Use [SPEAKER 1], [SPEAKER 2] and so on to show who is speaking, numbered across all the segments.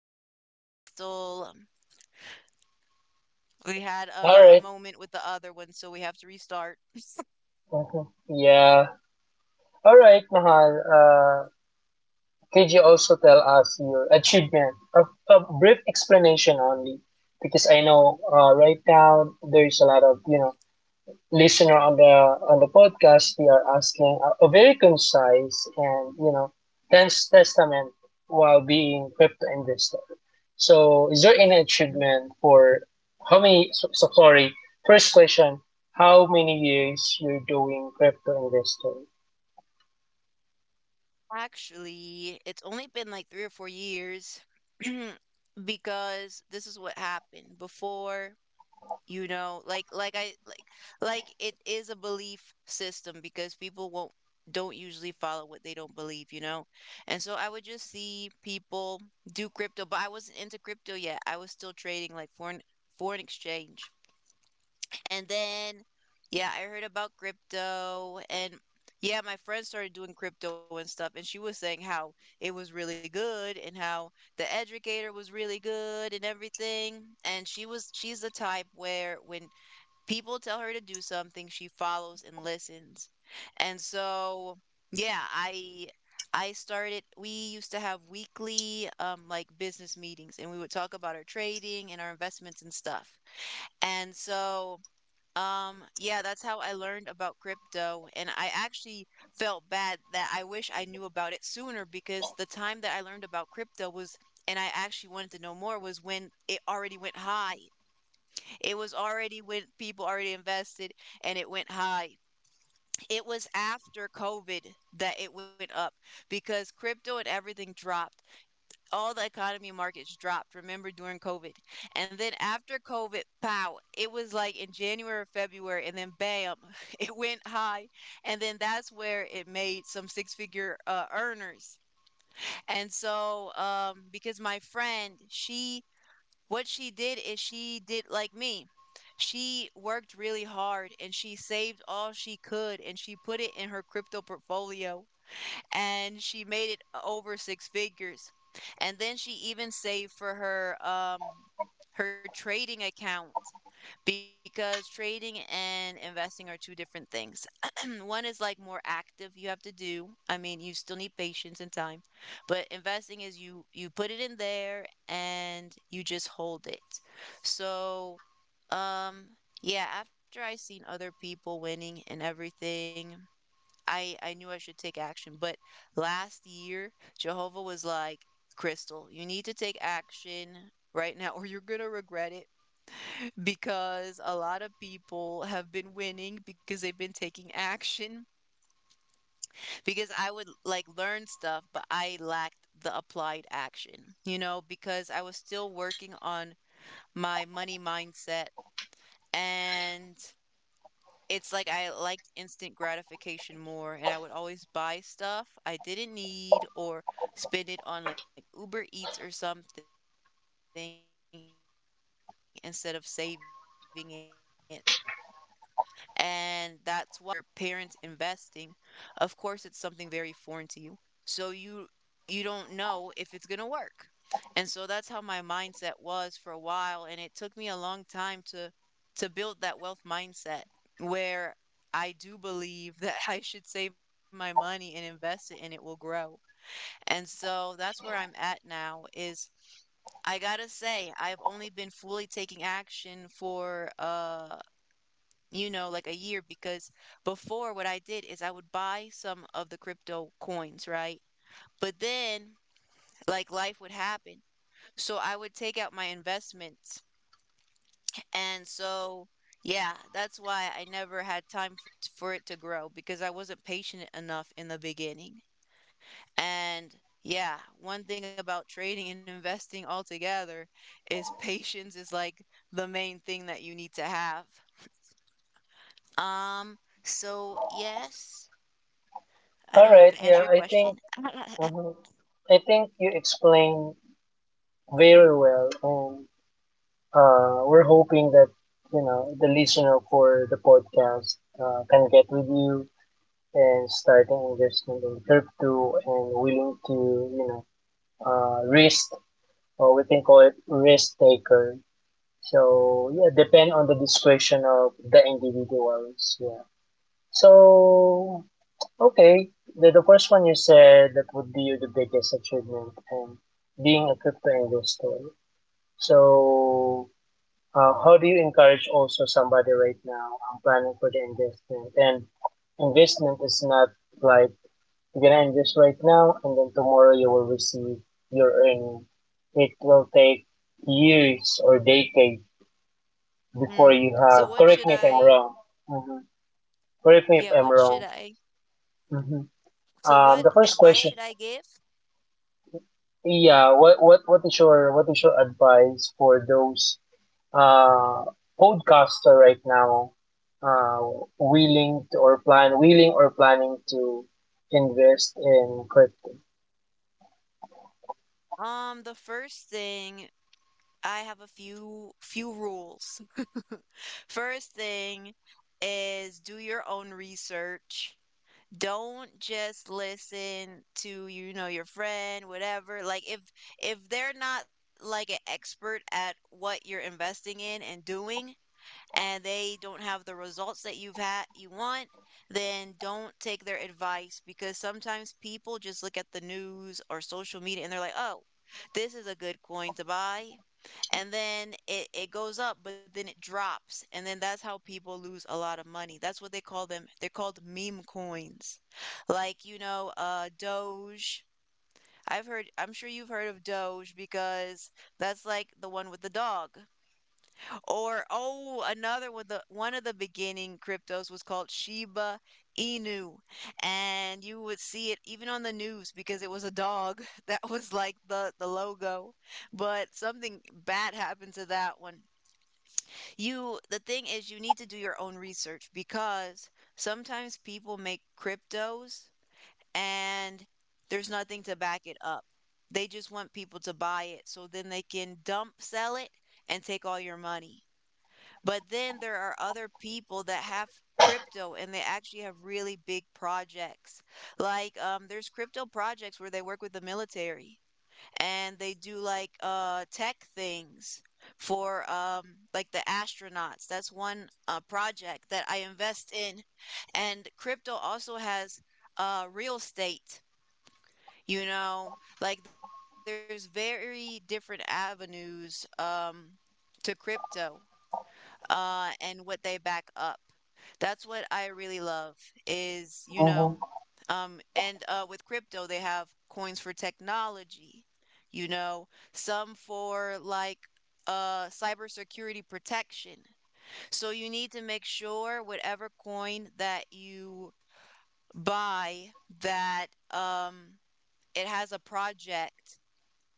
[SPEAKER 1] Keji and Crystal. We had
[SPEAKER 2] All
[SPEAKER 1] a
[SPEAKER 2] right.
[SPEAKER 1] moment with the other one, so we have to restart.
[SPEAKER 2] Mhm. Yeah. All right, Mahal. Could you also tell us your achievement? A brief explanation only, because I know right now there's a lot of listener on the podcast. We are asking a very concise and dense testament while being crypto investor. So, is there any
[SPEAKER 1] Mhm.
[SPEAKER 2] achievement for how many? So sorry. First question: how many years you're doing crypto investing?
[SPEAKER 1] Actually, it's only been like 3 or 4 years because this is what happened. Before, you know like I like it is a belief system because people won't don't usually follow what they don't believe, and so I would just see people do crypto, but I wasn't into crypto yet. I was still trading like foreign exchange. And then yeah, I heard about crypto. And yeah, my friend started doing crypto and stuff, and she was saying how it was really good and how the educator was really good and everything. And she's the type where when people tell her to do something, she follows and listens. And so, yeah, I started. We used to have weekly like business meetings, and we would talk about our trading and our investments and stuff. And so, yeah, that's how I learned about crypto. And I actually felt bad that I wish I knew about it sooner, because the time that I learned about crypto was and I actually wanted to know more was when it already went high. It was already when people already invested and it went high. It was after COVID that it went up because crypto and everything dropped. All the economy and markets dropped, remember, during COVID. And then after COVID, pow, it was like in January or February, and then bam, it went high. And then that's where it made some six figure earners. And so, because my friend, she what she did is she did like me. She worked really hard and she saved all she could and she put it in her crypto portfolio, and she made it over six figures. And then she even saved for her her trading account, because trading and investing are two different things. One is like more active, you have to do. I mean, you still need patience and time. But investing is you put it in there and you just hold it. So, um yeah, after I seen other people winning and everything, I knew I should take action, but last year Jehovah was like, "Crystal, you need to take action. Right now, or you're gonna regret it because a lot of people have been winning because they've been taking action." Because I would like learn stuff, but I lacked the applied action, you know, because I was still working on my money mindset. And it's like I liked instant gratification more, and I would always buy stuff I didn't need or spend it on like Uber Eats or something instead of saving it. And that's why. Because you know, when you're growing up and you don't see your friend your parents investing, of course it's something very foreign to you. So you don't know if it's gonna work. And so that's how my mindset was for a while, and it took me a long time to build that wealth mindset where I do believe that I should save my money and invest it and it will grow. And so that's where I'm at now is I gotta say, I've only been fully taking action for you know like a year, because before what I did is I would buy some of the crypto coins, right? But then like life would happen. So I would take out my investments. And so yeah, that's why I never had time for it to grow, because I wasn't patient enough in the beginning. And yeah, one thing about trading and investing altogether is patience is like the main thing that you need to have. Um, so yes, I
[SPEAKER 2] All
[SPEAKER 1] don't know
[SPEAKER 2] right.
[SPEAKER 1] if I
[SPEAKER 2] Yeah,
[SPEAKER 1] answered your question.
[SPEAKER 2] uh I think you explained very well, and we're hoping that you know the listener for the podcast can get with you and starting investment in crypto and willing to risk, or we can call it risk taker. So yeah, depend on the discretion of the individuals. Yeah. So okay, the first one you said that would be the biggest achievement and being a crypto investor. So how do you encourage also somebody right now? I'm planning for the investment, and investment is not like you can earn this right now, and then tomorrow you will receive your earning. It will take years or decades before
[SPEAKER 1] Hmm.
[SPEAKER 2] you
[SPEAKER 1] So
[SPEAKER 2] have.
[SPEAKER 1] what
[SPEAKER 2] Correct
[SPEAKER 1] should
[SPEAKER 2] me if I'm
[SPEAKER 1] I,
[SPEAKER 2] wrong. Mm-hmm. Correct me if
[SPEAKER 1] yeah,
[SPEAKER 2] I'm
[SPEAKER 1] what should
[SPEAKER 2] wrong.
[SPEAKER 1] I, so
[SPEAKER 2] Mm-hmm.
[SPEAKER 1] what
[SPEAKER 2] The first
[SPEAKER 1] advice should
[SPEAKER 2] question.
[SPEAKER 1] I give?
[SPEAKER 2] Yeah, what is your advice for those uh podcaster right now uh willing to or plan willing or planning to invest in crypto?
[SPEAKER 1] The first thing, I have a few rules. First thing is do your own research. Don't just listen to you know your friend whatever, like if they're not like an expert at what you're investing in and doing, and they don't have the results that you've had you want, then don't take their advice, because sometimes people just look at the news or social media and they're like, oh, this is a good coin to buy, and then it goes up but then it drops, and then that's how people lose a lot of money. That's what they call them, they're called meme coins, like you know doge. I've heard, I'm sure you've heard of doge, because that's like the one with the dog. Or oh, another one, the one of the beginning cryptos was called shiba inu, and you would see it even on the news because it was a dog that was like the logo. But something bad happened to that one. You, the thing is, you need to do your own research because sometimes people make cryptos and there's nothing to back it up. They just want people to buy it so then they can dump sell it and take all your money. But then there are other people that have crypto and they actually have really big projects. Like there's crypto projects where they work with the military, and they do like tech things for like the astronauts. That's one project that I invest in. And crypto also has real estate, you know, like there's very different avenues to crypto, and what they back up. That's what I really love is, you know,
[SPEAKER 2] Mm-hmm.
[SPEAKER 1] and with crypto, they have coins for technology, you know, some for like cybersecurity protection. So you need to make sure whatever coin that you buy that um, it has a project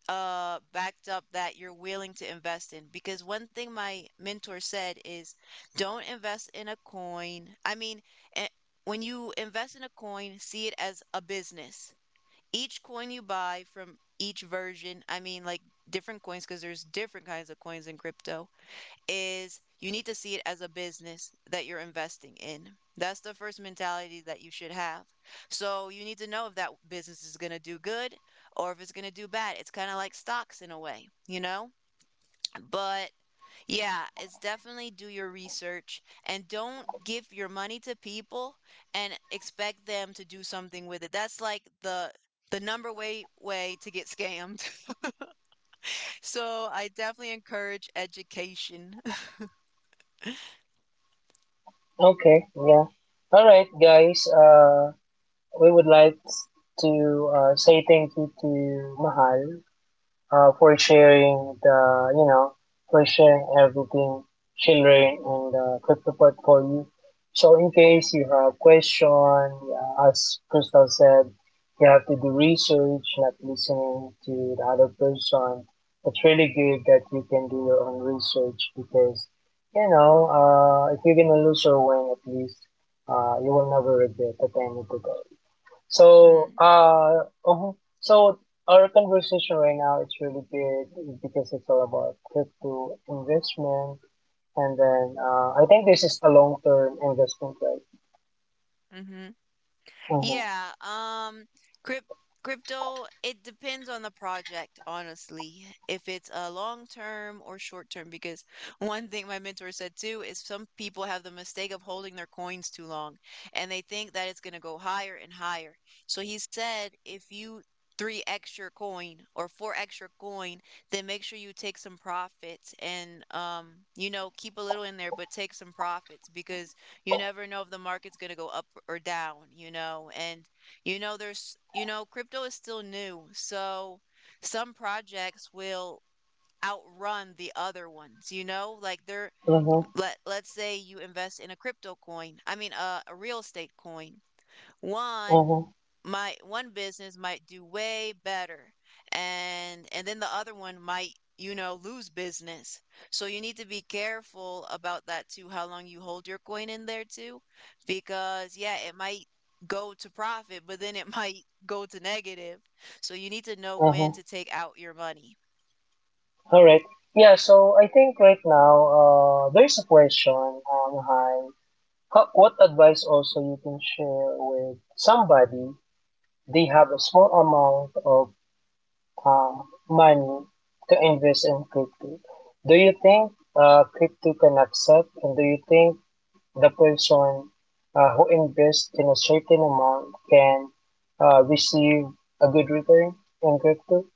[SPEAKER 1] backed up that you're willing to invest in, because one thing my mentor said is don't invest in a coin, I mean eh, when you invest in a coin, see it as a business. Each coin you buy from each version, I mean like different coins, because there's different kinds of coins in crypto, is you need to see it as a business that you're investing in. That's the first mentality that you should have. So you need to know if that business is going to do good, or if it's going to do bad. It's kind of like stocks in a way, you know? But yeah, it's definitely do your research, and don't give your money to people and expect them to do something with it. That's like the number way to get scammed. So I definitely encourage education.
[SPEAKER 2] Okay, yeah. All right, guys. We would like to say thank you to Mahal for sharing the you know for sharing everything she learned in the crypto portfolio. So in case you have question, yeah, as Crystal said, you have to do research, not listening to the other person. It's really good that you can do your own research because if you're gonna lose or win, at least you will never regret the time you took. So, so our conversation right now is really good because it's all about crypto investment, and then I think this is a long-term investment, right?
[SPEAKER 1] Mm-hmm.
[SPEAKER 2] Mm-hmm.
[SPEAKER 1] Yeah, crypt crypto, it depends on the project, honestly, if it's a long term or short term, because one thing my mentor said too is some people have the mistake of holding their coins too long and they think that it's going to go higher and higher. So he said, if you three extra coin or four extra coin, then make sure you take some profits and you know, keep a little in there, but take some profits, because you never know if the market's going to go up or down, you know? And, you know, there's, you know, crypto is still new. So some projects will outrun the other ones, you know? Like they're,
[SPEAKER 2] Mm-hmm.
[SPEAKER 1] let's say you invest in a crypto coin, I mean, a real estate coin. One
[SPEAKER 2] Mm-hmm.
[SPEAKER 1] my one business might do way better, and then the other one might you know lose business. So you need to be careful about that too, how long you hold your coin in there too, because yeah, it might go to profit, but then it might go to negative. So you need to know when
[SPEAKER 2] Mm-hmm.
[SPEAKER 1] to take out your money.
[SPEAKER 2] All right. Yeah. So I think right now, there's a question. Hi. What advice also you can share with somebody? They have a small amount of uh, money to invest in crypto. Do you think crypto can accept, and do you think the person who invests in a certain amount can receive a good return in crypto?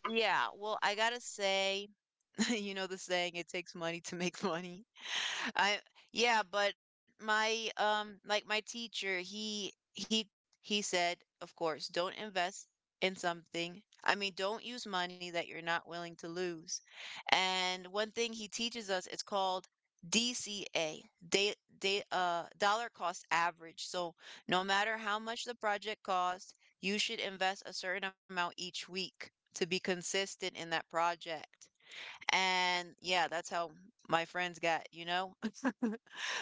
[SPEAKER 1] Yeah, well, I gotta say you know the saying, it takes money to make money. I yeah, but my like my teacher, he said of course don't invest in something, I mean don't use money that you're not willing to lose. And one thing he teaches us, it's called DCA, day, day dollar cost average. So no matter how much the project costs, you should invest a certain amount each week to be consistent in that project. And yeah, that's how my friends got, you know?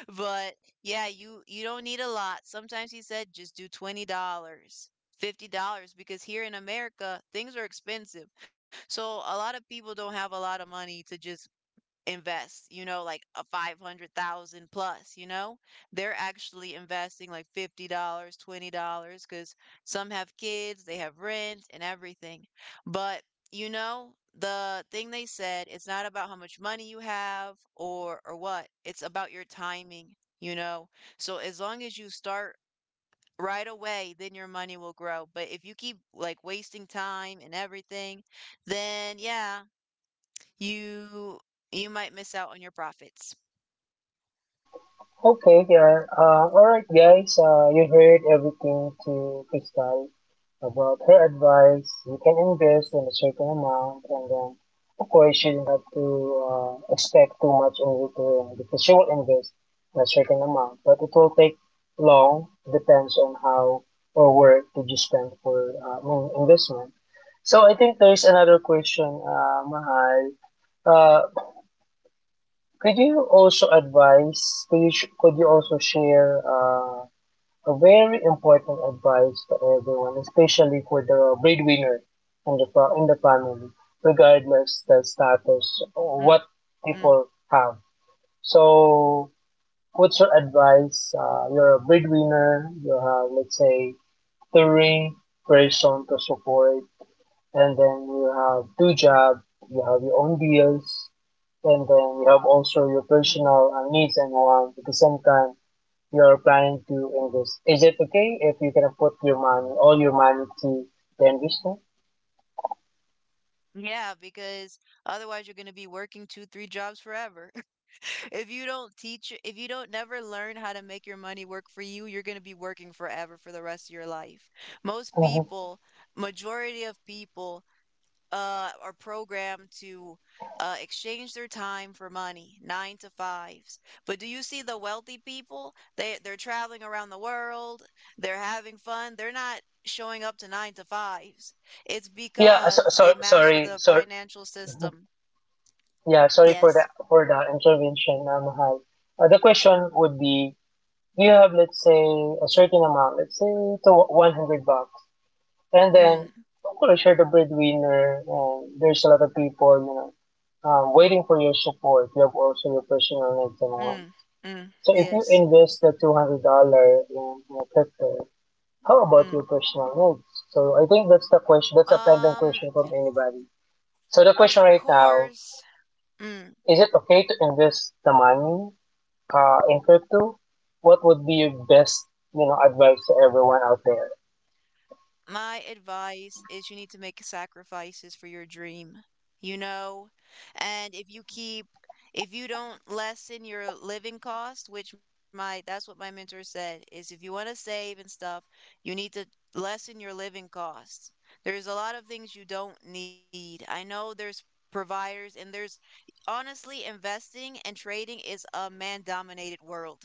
[SPEAKER 1] But yeah, you don't need a lot. Sometimes he said just do $20, $50 because here in America, things are expensive. So a lot of people don't have a lot of money to just invest, you know, like a 500,000 plus, you know? They're actually investing like $50, $20 cuz some have kids, they have rent and everything. But, you know, the thing they said, it's not about how much money you have or what. It's about your timing, you know? So as long as you start right away, then your money will grow. But if you keep like wasting time and everything, then yeah, you you might miss out on your profits.
[SPEAKER 2] Okay, yeah. Alright, guys. You heard everything to Crystal about her advice. You can invest in a certain amount, and then, of course, you don't have to expect too much in return because she will invest a certain amount, but it will take long. Depends on how or where did you spend for investment. So I think there's another question, Mahal. Uh, could you also advise, could you also share a very important advice to everyone, especially for the breadwinner in the, in the family, regardless the
[SPEAKER 1] Mm,
[SPEAKER 2] status
[SPEAKER 1] mm,
[SPEAKER 2] or what
[SPEAKER 1] mm,
[SPEAKER 2] people have? So, what's your advice? You're a breadwinner, you have, let's say, three person to support, and then you have two
[SPEAKER 1] mm,
[SPEAKER 2] jobs, you have your own bills, and then you have also your
[SPEAKER 1] mm.
[SPEAKER 2] personal needs and wants at the same time. You are planning to invest. Is it okay if you can put your money, all your money to the investment?
[SPEAKER 1] Yeah, because otherwise you're going to be working two, three jobs forever. If you don't teach, if you don't never learn how to make your money work for you, you're going to be working forever for the rest of your life. Most
[SPEAKER 2] Hmm.
[SPEAKER 1] people, majority of people are programmed to exchange their time for money, nine to fives. But do you see the wealthy people? They're traveling around the world. They're having fun. They're not showing up to nine to fives. It's
[SPEAKER 2] Yeah,
[SPEAKER 1] because they master the
[SPEAKER 2] sorry.
[SPEAKER 1] financial
[SPEAKER 2] Mhm.
[SPEAKER 1] system.
[SPEAKER 2] Yeah, sorry for the
[SPEAKER 1] Yes.
[SPEAKER 2] intervention, Mahal. The question would be, you have let's say a certain amount, let's say to 100 bucks. And then
[SPEAKER 1] Mm,
[SPEAKER 2] don't call yourself a breadwinner. And there's a lot of people, you know, waiting for your support. You have also your personal needs and wants.
[SPEAKER 1] mm, mm,
[SPEAKER 2] So if you
[SPEAKER 1] yes.
[SPEAKER 2] invest the $200 in you know, crypto, how about your
[SPEAKER 1] Mm.
[SPEAKER 2] personal needs? So I think that's the question. That's a pending
[SPEAKER 1] Um,
[SPEAKER 2] question from anybody. So the question
[SPEAKER 1] of
[SPEAKER 2] right now
[SPEAKER 1] course. Mm.
[SPEAKER 2] is: it okay to invest the money in crypto? What would be your best, you know, advice to everyone out there?
[SPEAKER 1] My advice is you need to make sacrifices for your dream, you know? And if you don't lessen your living cost, which that's what my mentor said, is if you want to save and stuff, you need to lessen your living costs. There's a lot of things you don't need. I know there's providers and there's honestly investing and trading is a man dominated world,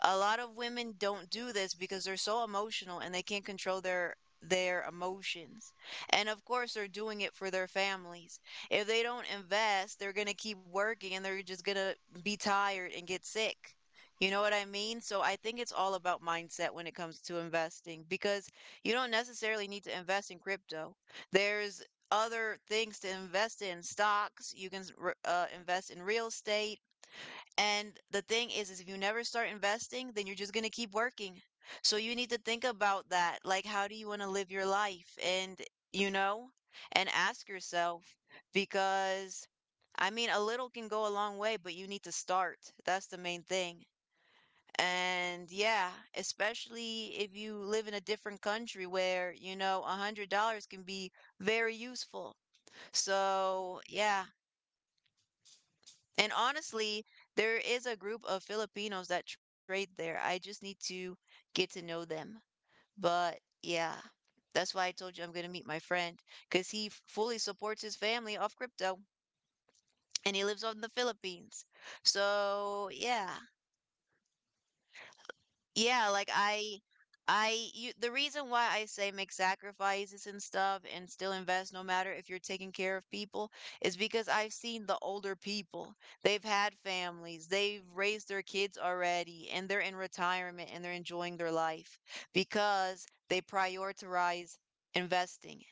[SPEAKER 1] a lot of women don't do this because they're so emotional and they can't control their emotions. And of course they're doing it for their families. If they don't invest, they're going to keep working and they're just going to be tired and get sick. You know what I mean? So I think it's all about mindset when it comes to investing because you don't necessarily need to invest in crypto. There's other things to invest in: stocks, you can invest in real estate. And the thing is if you never start investing, then you're just going to keep working. So you need to think about that. Like, how do you want to live your life? And, you know, and ask yourself because, I mean, a little can go a long way, but you need to start. That's the main thing. And yeah, especially if you live in a different country where, you know, a $100 can be very useful. So yeah, and honestly, there is a group of Filipinos that trade there. I just need to get to know them. But yeah, that's why I told you I'm going to meet my friend because fully supports his family off crypto, and he lives on the Philippines. So yeah, yeah, like I you the reason why I say make sacrifices and stuff and still invest no matter if you're taking care of people is because I've seen the older people. They've had families, they've raised their kids already, and they're in retirement and they're enjoying their life because they prioritize investing.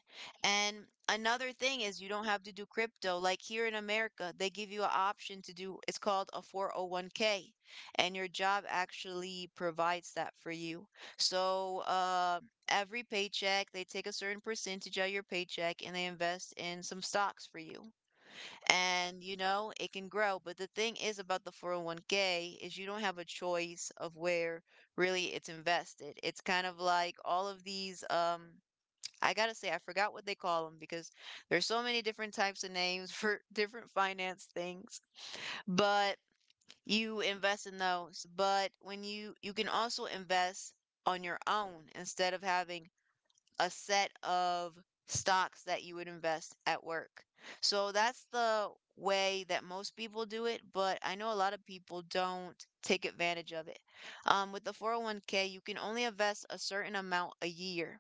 [SPEAKER 1] And another thing is you don't have to do crypto. Like here in America, they give you an option to do, it's called a 401k, and your job actually provides that for you. So, every paycheck, they take a certain percentage of your paycheck and they invest in some stocks for you. And, you know, it can grow. But the thing is about the 401k is you don't have a choice of where really it's invested. It's kind of like all of these, I gotta say, I forgot what they call them because there's so many different types of names for different finance things. But you invest in those, but when you can also invest on your own instead of having a set of stocks that you would invest at work. So that's the way that most people do it, but I know a lot of people don't take advantage of it. With the 401k you can only invest a certain amount a year.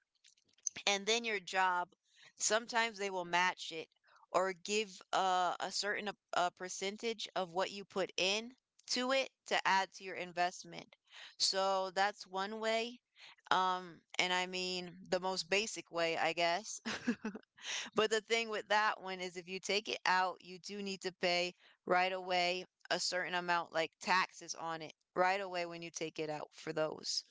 [SPEAKER 1] And then your job, sometimes they will match it, or give a certain a percentage of what you put in to it to add to your investment. So that's one way. And I mean the most basic way, I guess. But the thing with that one is if you take it out, you do need to pay right away a certain amount, like taxes on it, right away when you take it out for those.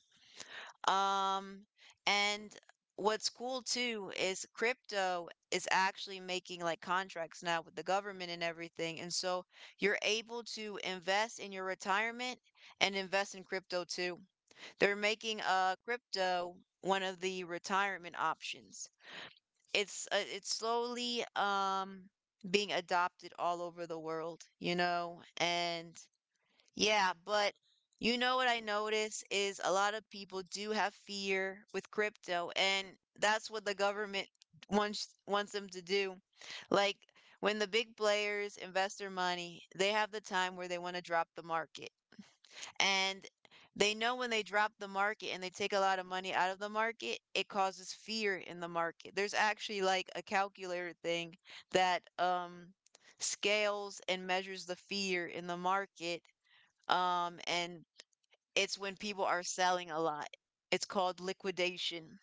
[SPEAKER 1] Um, and what's cool too is crypto is actually making like contracts now with the government and everything. And so you're able to invest in your retirement and invest in crypto too. They're making crypto one of the retirement options. It's slowly being adopted all over the world, you know, and yeah. But you know what I notice is a lot of people do have fear with crypto, and that's what the government wants them to do. Like when the big players invest their money, they have the time where they want to drop the market. And they know when they drop the market and they take a lot of money out of the market, it causes fear in the market. There's actually like a calculator thing that scales and measures the fear in the market. And it's when people are selling a lot. It's called liquidation,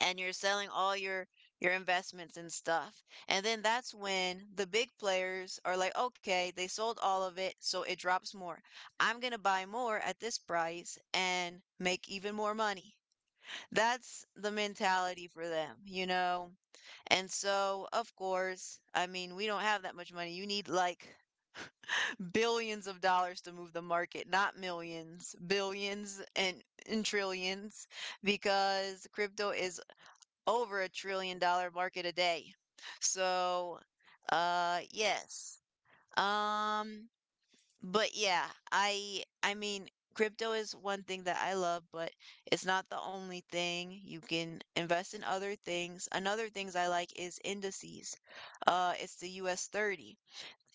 [SPEAKER 1] and you're selling all your investments and stuff. And then that's when the big players are like, okay, they sold all of it, so it drops more. I'm gonna buy more at this price and make even more money. That's the mentality for them, you know? And so, of course, I mean, we don't have that much money. You need like billions of dollars to move the market, not millions, billions, and trillions, because crypto is over $1 trillion market a day. So, yes. Um, but yeah, I mean, crypto is one thing that I love, but it's not the only thing. You can invest in other things. Another things I like is indices. It's the US 30.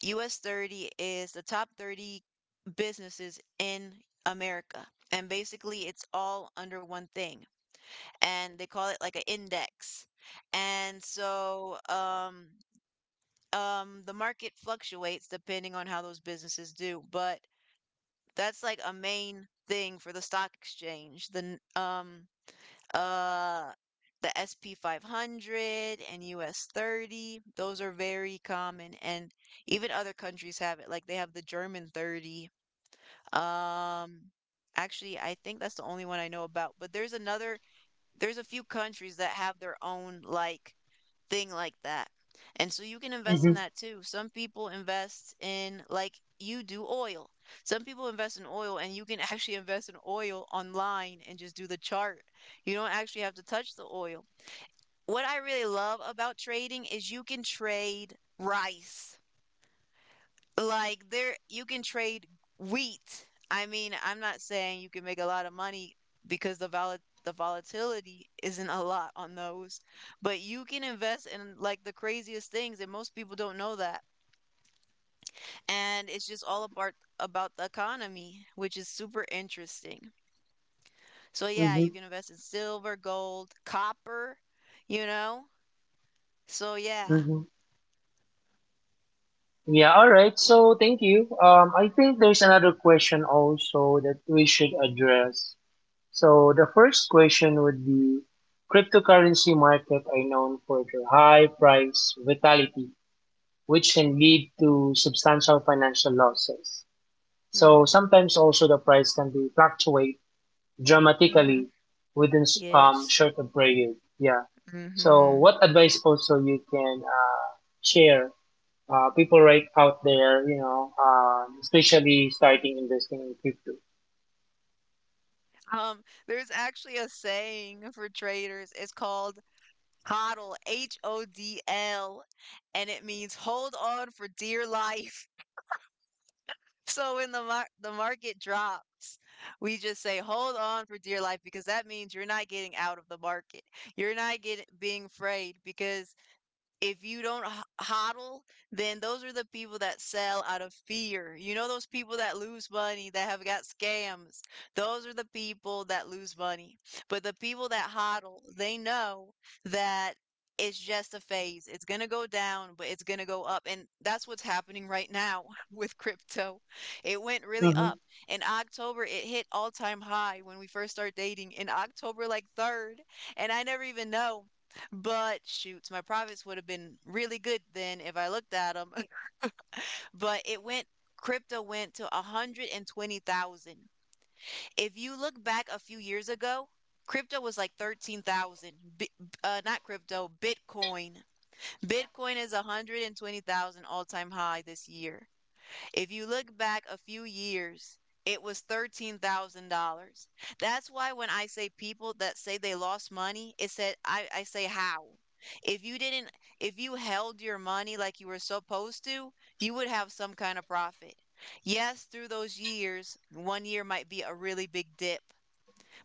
[SPEAKER 1] US 30 is the top 30 businesses in America. And basically, it's all under one thing. And they call it like an index. And so the market fluctuates depending on how those businesses do. But that's like a main thing for the stock exchange. Uh the SP 500 and US 30. Those are very common, and even other countries have it. Like they have the German 30. Um Actually I think that's the only one I know about, but there's a few countries that have their own like thing like that. And so you can invest in
[SPEAKER 2] Mm-hmm,
[SPEAKER 1] that too. Some people invest in, like you do, oil. Some people invest in oil, and you can actually invest in oil online and just do the chart. You don't actually have to touch the oil. What I really love about trading is you can trade rice. Like there you can trade wheat. I mean, I'm not saying you can make a lot of money because the volatility isn't a lot on those, but you can invest in like the craziest things, and most people don't know that. And it's just all about the economy, which is super interesting. So yeah,
[SPEAKER 2] mm-hmm,
[SPEAKER 1] you can invest in silver, gold, copper, you know? So yeah.
[SPEAKER 2] mm-hmm. Yeah, all right. So thank you. I think there's another question also that we should address. So the first question would be cryptocurrency market are known for their high price vitality, which can lead to substantial financial losses. So
[SPEAKER 1] Mm,
[SPEAKER 2] sometimes also the price can be fluctuate
[SPEAKER 1] mm-hmm.
[SPEAKER 2] dramatically within
[SPEAKER 1] Yes.
[SPEAKER 2] short of period. Yeah. So
[SPEAKER 1] Mm-hmm.
[SPEAKER 2] what advice also you can share people right out there, you know, especially starting investing in crypto.
[SPEAKER 1] Um, there's actually a saying for traders. It's called HODL, H O D L, and it means hold on for dear life. So when the market drops, we just say hold on for dear life because that means you're not getting out of the market. You're not getting being afraid because if you don't hodl, then those are the people that sell out of fear. You know those people that lose money that have got scams. Those are the people that lose money. But the people that hodl, they know that it's just a phase. It's going to go down, but it's going to go up. And that's what's happening right now with crypto. It went really
[SPEAKER 2] Mm-hmm.
[SPEAKER 1] up. In October, it hit all-time high when we first started dating in October like 3rd, and I never even know but shoots, my profits would have been really good then if I looked at them. But it went crypto went to 120,000. If you look back a few years ago, crypto was like 13,000. Bi- Not crypto, Bitcoin. Bitcoin is 120,000 all-time high this year. If you look back a few years, it was $13,000. That's why when I say people that say they lost money, it said, I say how. If you didn't, if you held your money like you were supposed to, you would have some kind of profit. Yes, through those years, one year might be a really big dip,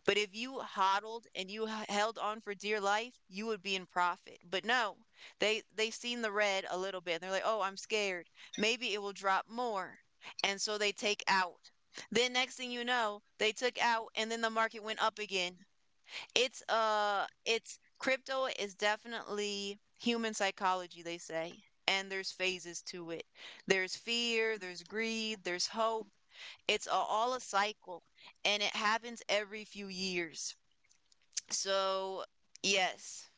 [SPEAKER 1] but if you hodled and you held on for dear life, you would be in profit. But no, they seen the red a little bit and they're like, "Oh, I'm scared. Maybe it will drop more." And so they take out. Then next thing you know, they took out and then the market went up again. It's crypto is definitely human psychology, they say. And there's phases to it. There's fear, there's greed, there's hope. All a cycle and it happens every few years. So, yes,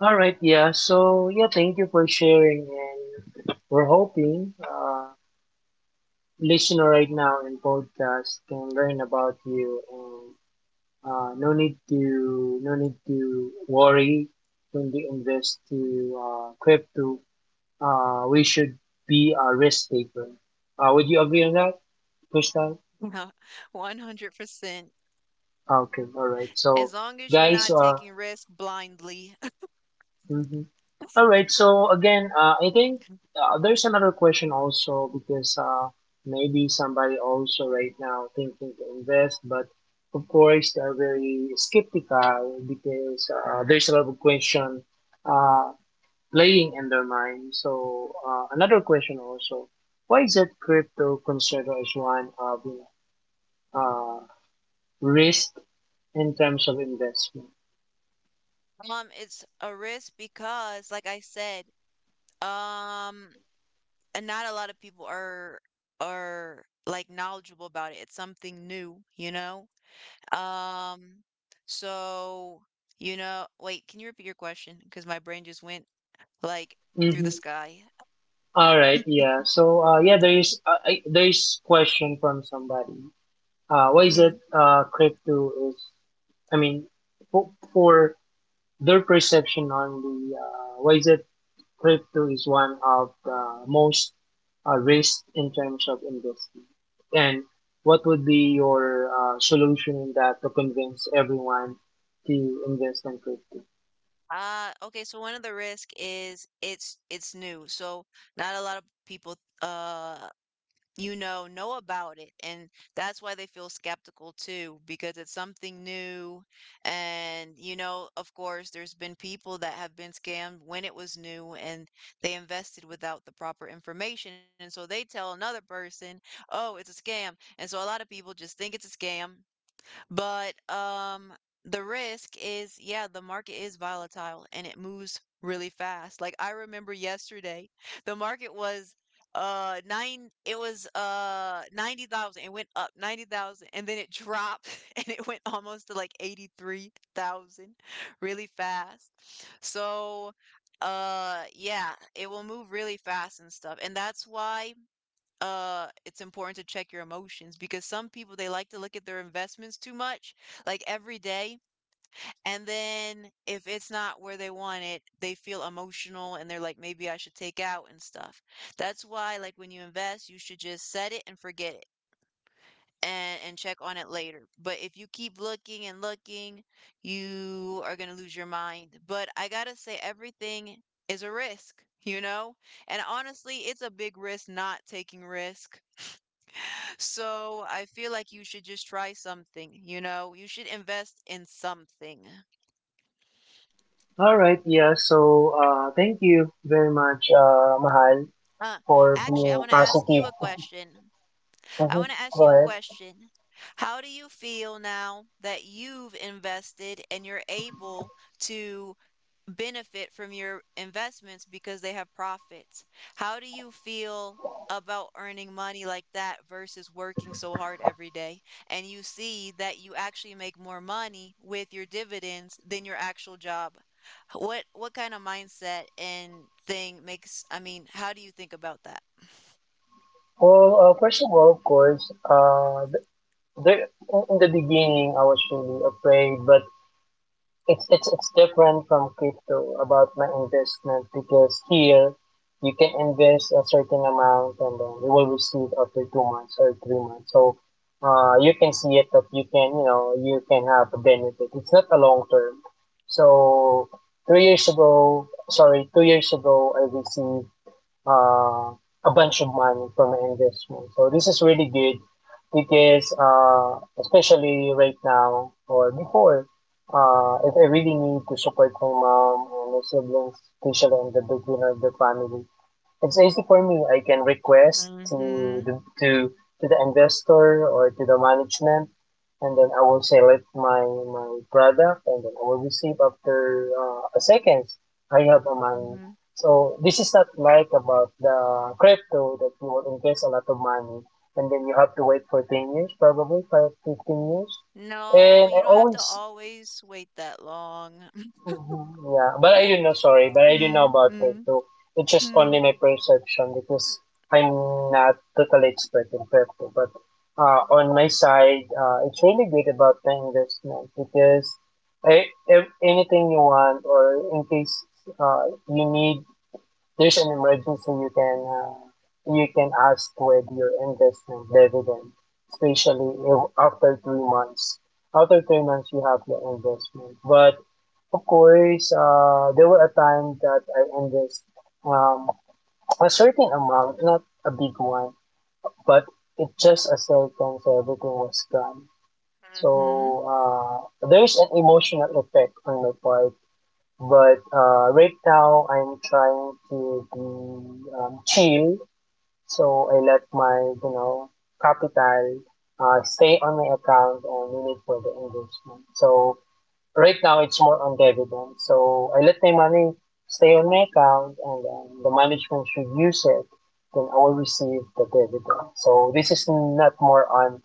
[SPEAKER 2] All right, yeah. So yeah, thank you for sharing, and we're hoping listener right now in podcast can learn about you, and no need to worry when they invest to crypto. We should be a risk taker. Would you agree on that, Crystal?
[SPEAKER 1] 100%.
[SPEAKER 2] Okay, all right.
[SPEAKER 1] As
[SPEAKER 2] So
[SPEAKER 1] long as you're
[SPEAKER 2] guys,
[SPEAKER 1] not taking risk blindly.
[SPEAKER 2] mm-hmm. All right. So again, I think there's another question also because maybe somebody also right now thinking to invest, but of course they're very skeptical because there's a lot of question uh, playing in their mind. So another question also, why is that crypto considered as one of know, uh, risk in terms of investment?
[SPEAKER 1] It's a risk because, like I said, um, and not a lot of people are like knowledgeable about it. It's something new, you know? Um, so, wait, can you repeat your question? Because my brain just went like through
[SPEAKER 2] Mm-hmm.
[SPEAKER 1] the sky.
[SPEAKER 2] All right, yeah. So, yeah, there is there is question from somebody. Why is
[SPEAKER 1] Hmm.
[SPEAKER 2] it crypto is? I mean, for their perception on the why is it crypto is one of the most risk in terms of investing, and what would be your solution in that to convince everyone to invest in crypto?
[SPEAKER 1] Ah, okay, so one of the risk is it's new. So not a lot of people uh know about it, and that's why they feel skeptical too, because it's something new and of course there's been people that have been scammed when it was new and they invested without the proper information, and so they tell another person, "Oh, it's a scam." And so a lot of people just think it's a scam, but the risk is, yeah, the market is volatile and it moves really fast. Like I remember yesterday, the market was nine it was 90,000. It went up 90,000 and then it dropped and it went almost to like 83,000 really fast. So, yeah, it will move really fast and stuff. And that's why it's important to check your emotions, because some people, they like to look at their investments too much, like every day, and then if it's not where they want it, they feel emotional and they're like, maybe I should take out and stuff. That's why, like, when you invest, you should just set it and forget it and check on it later. But if you keep looking and looking, you are going to lose your mind. But I got to say, everything is a risk, and honestly it's a big risk not taking risk, so I feel like you should just try something, you know? You should invest in something.
[SPEAKER 2] All right, yeah. So, thank you very much, Mahal,
[SPEAKER 1] Uh,
[SPEAKER 2] for
[SPEAKER 1] Actually, I
[SPEAKER 2] being
[SPEAKER 1] want to ask you
[SPEAKER 2] positive.
[SPEAKER 1] a question. I
[SPEAKER 2] Mhm.
[SPEAKER 1] want to ask you a
[SPEAKER 2] Correct.
[SPEAKER 1] question. How do you feel now that you've invested and you're able to benefit from your investments because they have profits? How do you feel about earning money like that versus working so hard every day? And you see that you actually make more money with your dividends than your actual job. What kind of mindset and thing makes, I mean, how do you think about that?
[SPEAKER 2] Well, first of all, of course, uh, th- there in the beginning I was really afraid, but it's different from crypto about my investment because here you can invest a certain amount and then you will receive after 2 months or 3 months. So, you can see it that you can you know you can have a benefit. It's not a long term. So 3 years ago, sorry, 2 years ago, I received uh, a bunch of money from an investment. So this is really good because especially right now or before, if I really need to support my mom and my siblings, especially in the beginning of the family, it's easy for me. I can request
[SPEAKER 1] Mm-hmm.
[SPEAKER 2] to to the investor or to the management, and then I will select my product, and then I will receive after a seconds. I have the money.
[SPEAKER 1] Mm-hmm.
[SPEAKER 2] So this is not like about the crypto that you will invest a lot of money and then you have to wait for 10 years, probably 5, 15 years. And
[SPEAKER 1] No,
[SPEAKER 2] I
[SPEAKER 1] you don't have to
[SPEAKER 2] always
[SPEAKER 1] always wait that long.
[SPEAKER 2] Mhm. Yeah, but I didn't know. Sorry, but I didn't know about it.
[SPEAKER 1] Mm-hmm.
[SPEAKER 2] So it's just only
[SPEAKER 1] Mm-hmm.
[SPEAKER 2] my perception because I'm not totally expert in crypto. But on my side, it's really good about the investment because I, if anything you want or in case you need, there's an emergency you can ask with your investment dividend, especially if after 3 months. After 3 months, you have your investment, but of course, there were a time that I invest um, a certain amount, not a big one, but it just a second so everything was gone. So there's an emotional effect on my part, but right now I'm trying to be chill. So I let my you know capital stay on my account and leave it for the investment. So right now, it's more on dividends. So I let my money stay on my account, and the management should use it. Then I will receive the dividend. So this is not more on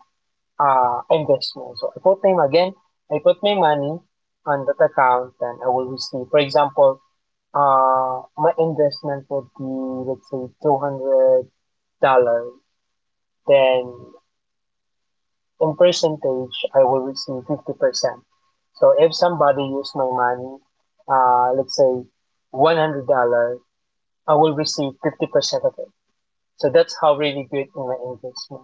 [SPEAKER 2] investment. So I put my again. I put my money on that account, and I will receive. For example, my investment would be let's say $200. Then in percentage, I will receive 50%. So if somebody use my money, let's say $100, I will receive 50% of it. So that's how really good my gets me.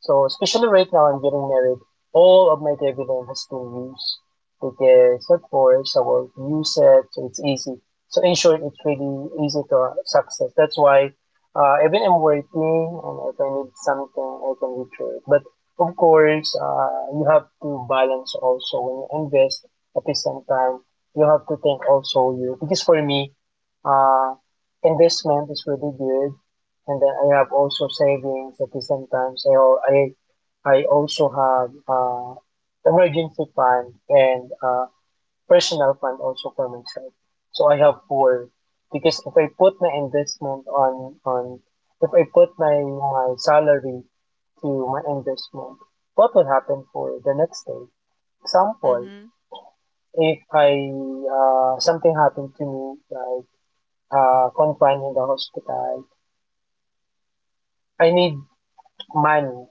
[SPEAKER 2] So especially right now I'm getting married, all of my dividend has been used because of course I will use it, so it's easy. So in short, it's really easy to success. That's why even I'm working and if I need something, I can reach it. But of course, you have to balance also when you invest at the same time. You have to think also you because for me, uh, investment is really good and then I have also savings at the same time. So I also have emergency fund and personal fund also for myself. So I have four because if I put my investment on if I put my salary to my investment, what will happen for the next day? Example,
[SPEAKER 1] Mm-hmm.
[SPEAKER 2] if I something happened to me like confined in the hospital, I need money.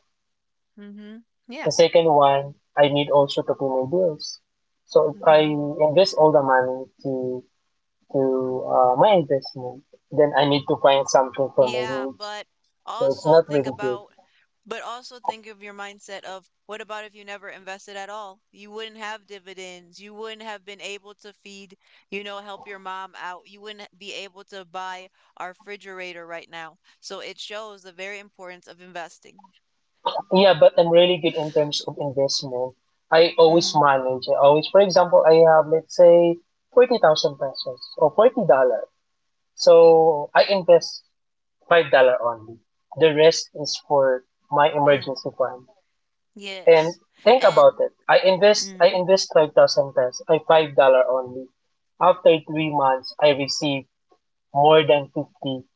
[SPEAKER 1] Hmm. Yeah.
[SPEAKER 2] The second one, I need also to pay my bills. So if I
[SPEAKER 1] Hmm.
[SPEAKER 2] invest all the money to my investment, then I need to find something for my
[SPEAKER 1] Yeah,
[SPEAKER 2] needs.
[SPEAKER 1] but
[SPEAKER 2] So it's
[SPEAKER 1] also
[SPEAKER 2] not really good.
[SPEAKER 1] think of your mindset of what about if you never invested at all? You wouldn't have dividends. You wouldn't have been able to feed, help your mom out. You wouldn't be able to buy our refrigerator right now. So it shows the very importance of investing.
[SPEAKER 2] Yeah, but I'm really good in terms of investment. I always
[SPEAKER 1] Mm.
[SPEAKER 2] manage. I always, for example, I have, let's say, 40,000 pesos or $40. So I invest $5 only. The rest is for my
[SPEAKER 1] Mm.
[SPEAKER 2] emergency fund. And
[SPEAKER 1] Yes.
[SPEAKER 2] think about
[SPEAKER 1] And
[SPEAKER 2] it. I invest I
[SPEAKER 1] mm,
[SPEAKER 2] invest 5,000 pesos, I $5 only. After 3 months, I receive more than fifty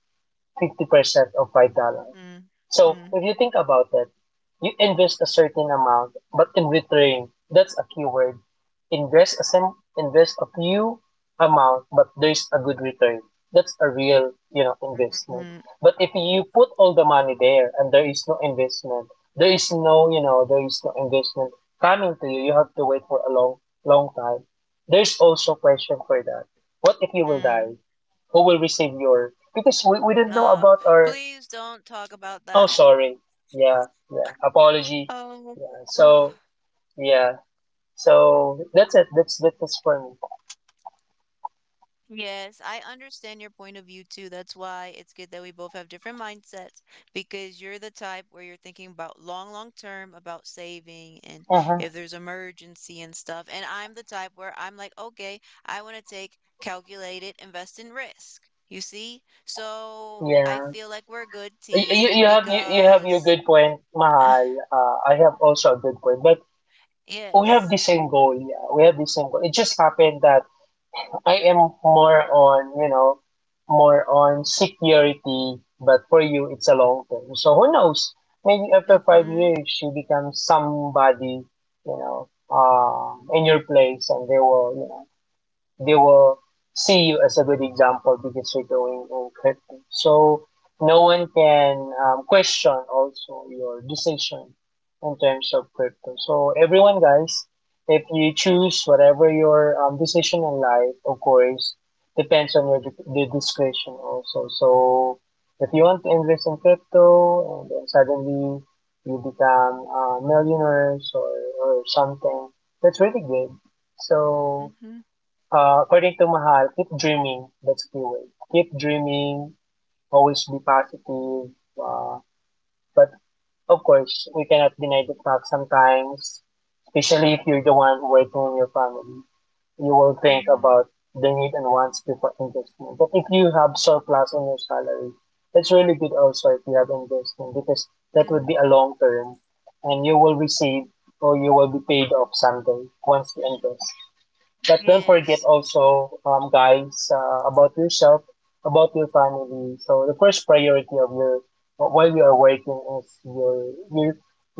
[SPEAKER 2] fifty percent of $5.
[SPEAKER 1] mm,
[SPEAKER 2] So
[SPEAKER 1] mm,
[SPEAKER 2] if you think about it, you invest a certain amount, but in return, that's a keyword. Invest a invest a few amount, but there's a good return. That's a real, you know,
[SPEAKER 1] mm,
[SPEAKER 2] investment.
[SPEAKER 1] mm.
[SPEAKER 2] But if you put all the money there and there is no investment, there is no, you know, there is no investment coming to you. You have to wait for a long time. There's also question for that. What if you will die?
[SPEAKER 1] Mm.
[SPEAKER 2] Who will receive your? Because we don't know
[SPEAKER 1] Uh,
[SPEAKER 2] about our.
[SPEAKER 1] Please don't talk about
[SPEAKER 2] Oh,
[SPEAKER 1] that.
[SPEAKER 2] sorry. Yeah, yeah. Apology.
[SPEAKER 1] Oh,
[SPEAKER 2] Yeah. So, yeah. So that's it. That's it for me.
[SPEAKER 1] yes, I understand your point of view too. That's why it's good that we both have different mindsets, because you're the type where you're thinking about long, long term, about saving and
[SPEAKER 2] Uh huh.
[SPEAKER 1] if there's emergency and stuff. And I'm the type where I'm like, okay, I want to take calculated invest in risk. You see? So I
[SPEAKER 2] Yeah.
[SPEAKER 1] feel like we're a good team
[SPEAKER 2] You, you have your
[SPEAKER 1] because
[SPEAKER 2] good point, Mahal. I have also a good point, but we have
[SPEAKER 1] yes.
[SPEAKER 2] the same goal. Yeah, we have the same goal. It just happened that I am more on, you know, more on security, but for you, it's a long term. So who knows? Maybe after five
[SPEAKER 1] Mm-hmm.
[SPEAKER 2] years, she becomes somebody, you know, in your place, and they will, you know, they will see you as a good example because you're doing in crypto. So no one can question also your decision in terms of crypto. So everyone, guys, if you choose whatever your decision in life, of course, depends on your discretion also. So if you want to invest in crypto and then suddenly you become millionaires, or something, that's really good. So
[SPEAKER 1] Mm-hmm.
[SPEAKER 2] according to Mahal, keep dreaming. That's keyword. Keep dreaming. Always be positive. But of course, we cannot deny the fact sometimes, especially if you're the one working in your family, you will think
[SPEAKER 1] Mm-hmm.
[SPEAKER 2] about the need and wants before investment. But if you have surplus on your salary, that's really good also if you have investment because that
[SPEAKER 1] Mm-hmm.
[SPEAKER 2] would be a long term and you will receive or you will be paid off someday once you invest. But don't forget
[SPEAKER 1] Yes.
[SPEAKER 2] also, guys, about yourself, about your family. So the first priority of your while you are working is your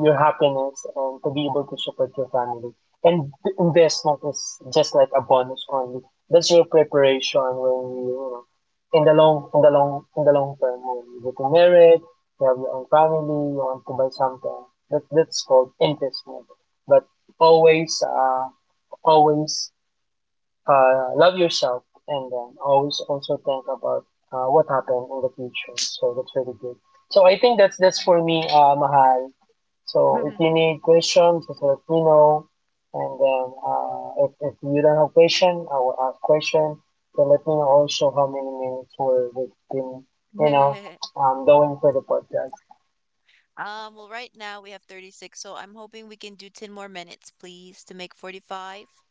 [SPEAKER 2] your happiness and to be able to support your family. And the investment is just like a bonus only. That's your preparation when you know, in the long term when you get married, you have your own family, you want to buy something. That's called investment. But always uh always love yourself and always also think about what happened in the future. So that's really good. So I think that's for me, Mahal. So if you need questions, just let me know. And then if you don't have question, I will ask question. So let me know also how many minutes we've been, you know, going for the podcast.
[SPEAKER 1] Well, right now we have 36, so I'm hoping we can do 10 more minutes, please, to make 45.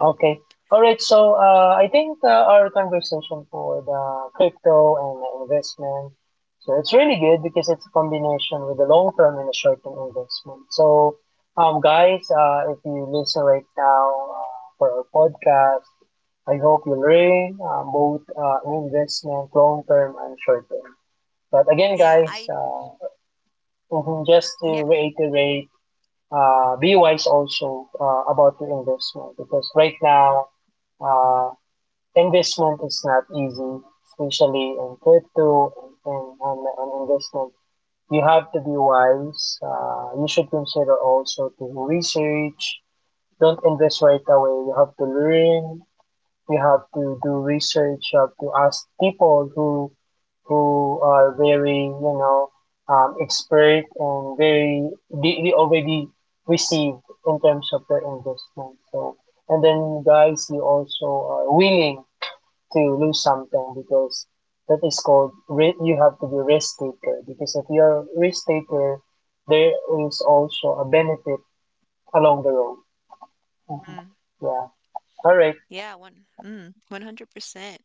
[SPEAKER 2] Okay. All right. So I think our conversation for the crypto and the investment. So it's really good because it's a combination with the long term and the short term investment. So, guys, if you listen right now uh, for our podcast, I hope you learn both investment, long term and short term. But again,
[SPEAKER 1] Yeah,
[SPEAKER 2] guys, mhm, just to
[SPEAKER 1] yeah,
[SPEAKER 2] reiterate, be wise also about your investment because right
[SPEAKER 1] mm,
[SPEAKER 2] now uh, investment is not easy, especially in crypto and on investment. You have to be wise. You should consider also to research. Don't invest right away. You have to learn. You have to do research. You have to ask people who are very you know expert and very they already received in terms of their investment. So and then guys, you also are willing to lose something because that is called you have to be risk taker because if you're a risk taker, there is also a benefit along the road. Mhm.
[SPEAKER 1] mm,
[SPEAKER 2] Yeah. All right.
[SPEAKER 1] yeah, one, mm, 100%.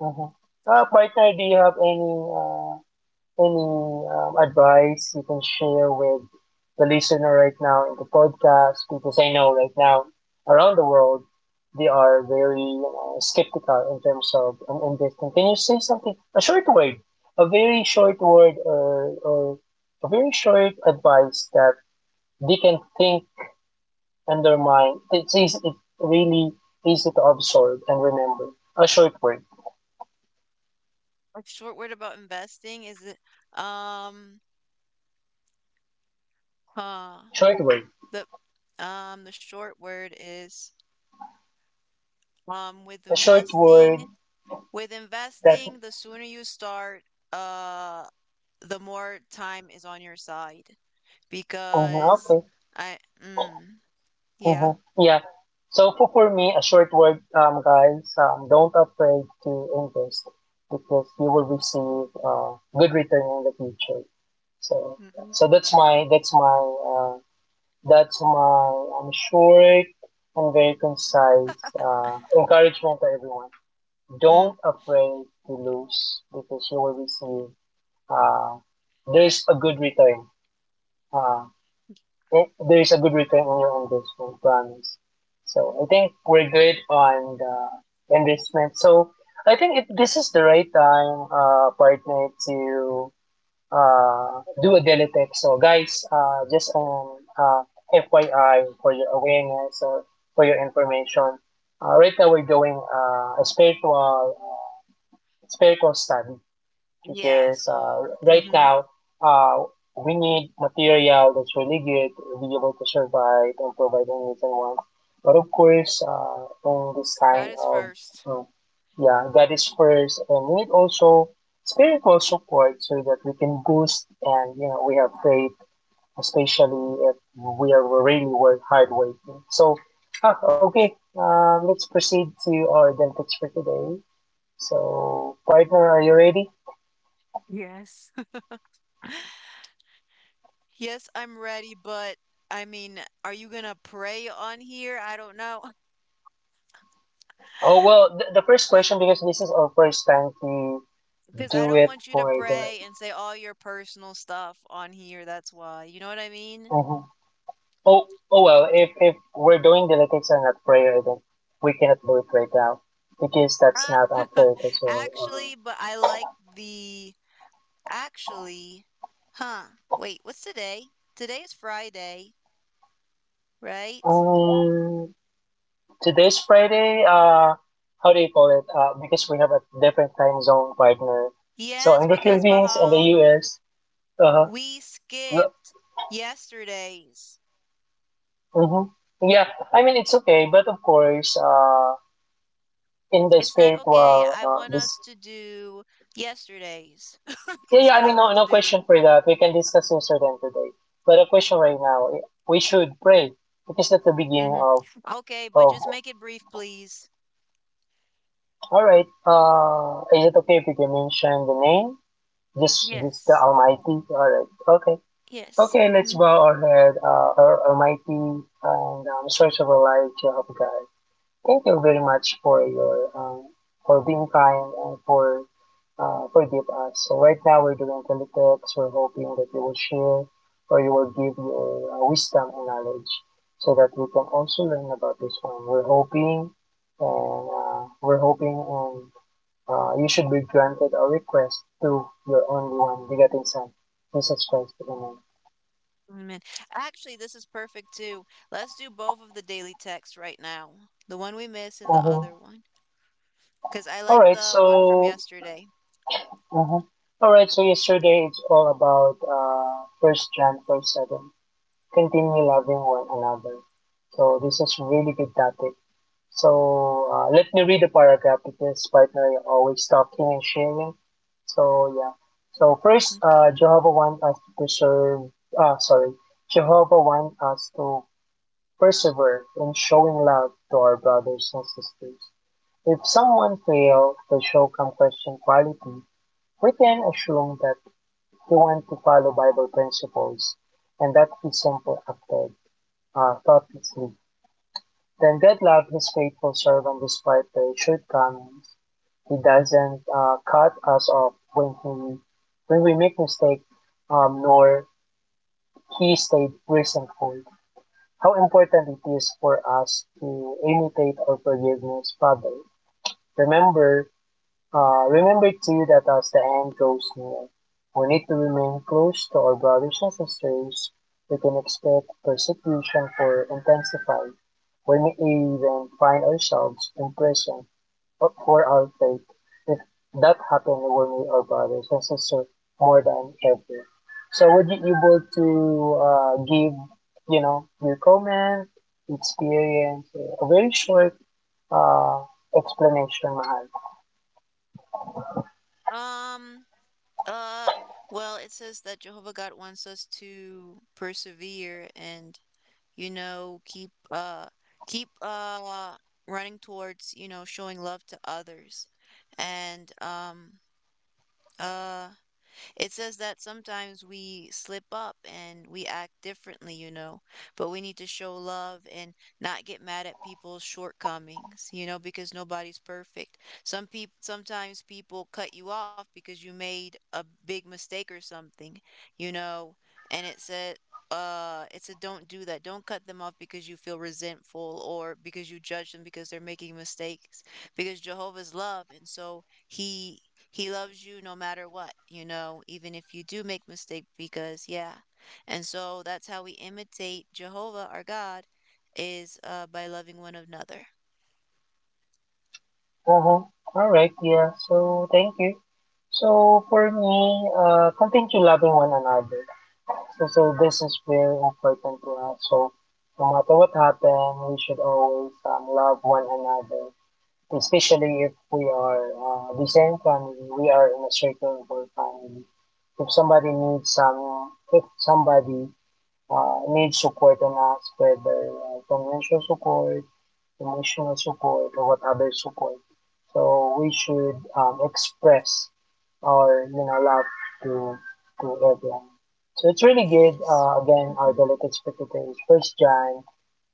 [SPEAKER 2] Mhm. Partner, do you have any advice you can share with the listener right now in the podcast? Because I know right now around the world they are very, you know, skeptical in terms of investing. Can you say something? A short word, a very short word, or a very short advice that they can think and their mind. It's easy, it's really easy to absorb and remember. A
[SPEAKER 1] A short word about investing is um, huh,
[SPEAKER 2] short word,
[SPEAKER 1] the, the short word is, with
[SPEAKER 2] a short word
[SPEAKER 1] investing,
[SPEAKER 2] that.
[SPEAKER 1] the sooner you start, uh, the more time is on your side,
[SPEAKER 2] Mhm,
[SPEAKER 1] because
[SPEAKER 2] okay.
[SPEAKER 1] I, mm, yeah.
[SPEAKER 2] Hmm. Yeah. So for me, a short word, guys, don't afraid to invest because you will receive good return in the future. So
[SPEAKER 1] Mhm.
[SPEAKER 2] so uh, that's my I short and very concise encouragement to everyone.
[SPEAKER 1] Mm.
[SPEAKER 2] Don't afraid to lose because you will receive, uh, there's a good return. Uh, well, there's a good return on your investment, promise. So I think we're good on the investment. So I think if this is the right time, partner, to do a daily tech. So guys, just FYI for your awareness or for your information. Right now we're doing a uh, spiritual study
[SPEAKER 1] Yeah,
[SPEAKER 2] because
[SPEAKER 1] so
[SPEAKER 2] right
[SPEAKER 1] mhm.
[SPEAKER 2] now uh, we need material that's really good to be able to survive and provide our needs and wants. But of course, in this
[SPEAKER 1] That
[SPEAKER 2] kind
[SPEAKER 1] is
[SPEAKER 2] of
[SPEAKER 1] first.
[SPEAKER 2] mm, yeah, God is first, and we need also spiritual support so that we can boost and you know we have faith, especially if we are really work hard working. So ah, okay, let's proceed to our dentist for today. So partner, are you ready?
[SPEAKER 1] Yes. Yes, I'm ready, but I mean, are you gonna pray on here? I don't know.
[SPEAKER 2] Oh well, the first question because this is our first time to
[SPEAKER 1] Because I
[SPEAKER 2] do
[SPEAKER 1] don't
[SPEAKER 2] it
[SPEAKER 1] want you to
[SPEAKER 2] for the.
[SPEAKER 1] pray and say all your personal stuff on here. That's why. You know what I mean?
[SPEAKER 2] Mhm. Oh oh well, if we're doing dialectics and not prayer, then we cannot do it right now because that's
[SPEAKER 1] Ah.
[SPEAKER 2] not after it as well.
[SPEAKER 1] Actually, but I like the actually, huh? wait, what's today? Today is Friday,
[SPEAKER 2] Uh,
[SPEAKER 1] right?
[SPEAKER 2] um, today's Friday. How do you call it? Because we have a different time zone partner. So
[SPEAKER 1] Yes,
[SPEAKER 2] in the
[SPEAKER 1] because
[SPEAKER 2] Philippines and the
[SPEAKER 1] Mahal,
[SPEAKER 2] U.S. Uh huh.
[SPEAKER 1] we skip. Yesterdays.
[SPEAKER 2] Mm-hmm. Yeah, I mean it's okay, but of course, in the
[SPEAKER 1] It's not okay.
[SPEAKER 2] spiritual
[SPEAKER 1] I want
[SPEAKER 2] this.
[SPEAKER 1] us to do yesterdays.
[SPEAKER 2] Yeah,
[SPEAKER 1] That's
[SPEAKER 2] yeah. I
[SPEAKER 1] what
[SPEAKER 2] mean,
[SPEAKER 1] I
[SPEAKER 2] no,
[SPEAKER 1] want to
[SPEAKER 2] no question
[SPEAKER 1] do.
[SPEAKER 2] for that. We can discuss this then today. But a question right now, we should pray because that's the beginning
[SPEAKER 1] Hmm.
[SPEAKER 2] of
[SPEAKER 1] Okay, but
[SPEAKER 2] of.
[SPEAKER 1] just make it brief, please.
[SPEAKER 2] All right. Is it okay if we can mention the name? Just the
[SPEAKER 1] Yes.
[SPEAKER 2] Almighty. All right. Okay.
[SPEAKER 1] Yes.
[SPEAKER 2] Okay. Let's
[SPEAKER 1] Mm-hmm.
[SPEAKER 2] bow our head. Our Almighty and Source of our life, Jehovah God. Thank you very much for your for being kind and for forgive us. So right now we're doing teletext. We're hoping that you will share or you will give your wisdom and knowledge so that we can also learn about this one. We're hoping and you should be granted a request to your only one begotten Son, Jesus Christ. Amen.
[SPEAKER 1] Amen. Actually, this is perfect too. Let's do both of the daily texts right now. The one we miss and the
[SPEAKER 2] Mhm.
[SPEAKER 1] other one. Because I
[SPEAKER 2] All
[SPEAKER 1] like
[SPEAKER 2] right.
[SPEAKER 1] the one from
[SPEAKER 2] So
[SPEAKER 1] yesterday.
[SPEAKER 2] Uh-huh. All right, so yesterday it's all about First John verse 7. Continue loving one another. So this is really good topic. So let me read the paragraph because partner is always talking and sharing. So yeah. So first,
[SPEAKER 1] Okay.
[SPEAKER 2] Jehovah wants us to preserve. Ah, sorry, Jehovah wants us to persevere in showing love to our brothers and sisters. If someone fails to show compassion quality, we can assume that they want to follow Bible principles, and that is simple-acted, thoughtless. Then God loved His faithful servant despite their shortcomings. He doesn't cut us off when we make mistake, nor He stayed resentful. How important it is for us to imitate our forgiveness, Father. Remember. Remember too that as the end draws near, we need to remain close to our brothers and sisters. We can expect persecution to intensify. We may even find ourselves in prison for our faith. If that happens, we will need our brothers and sisters more than ever. So, would you be able to give, you know, your comment, experience, a very short uh, explanation, Mahal?
[SPEAKER 1] Um, uh, well, it says that Jehovah God wants us to persevere and, you know, keep uh keep running towards, showing love to others. And uh it says that sometimes we slip up and we act differently, but we need to show love and not get mad at people's shortcomings, because nobody's perfect. Sometimes people cut you off because you made a big mistake or something, you know, and it said, it's a don't do that. Don't cut them off because you feel resentful or because you judge them because they're making mistakes, because Jehovah's love, and so he loves you no matter what, even if you do make mistake, because yeah. And so that's how we imitate Jehovah our God is by loving one another.
[SPEAKER 2] Uh-huh. All right, yeah. So thank you. So for me, continue loving one another. So this is very important to us. So no matter what happens, we should always love one another. Especially if we are the same family, we are in a circle of family. If somebody need support on us, whether financial support, emotional support, or what other support. So we should express our love to to everyone. So it's really good.
[SPEAKER 1] Yes.
[SPEAKER 2] Again, our
[SPEAKER 1] Mm-hmm.
[SPEAKER 2] delicate spectator is First John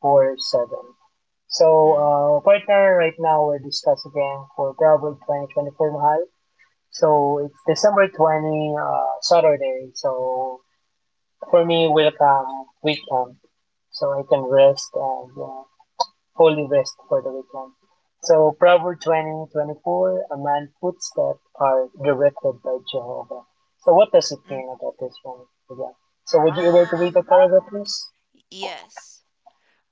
[SPEAKER 2] 4:7. So
[SPEAKER 1] Mm.
[SPEAKER 2] partner, right now we're discussing again for Proverb 20:24, Mahal. So it's December 20, Saturday. So for me, welcome weekend so I can rest and holy rest for the weekend. So Proverbs 20:24, a man's footsteps are directed by Jehovah. So what does it
[SPEAKER 1] Mm.
[SPEAKER 2] mean about this one? Yeah. So would you be able to read the
[SPEAKER 1] Um
[SPEAKER 2] paragraph, please?
[SPEAKER 1] yes.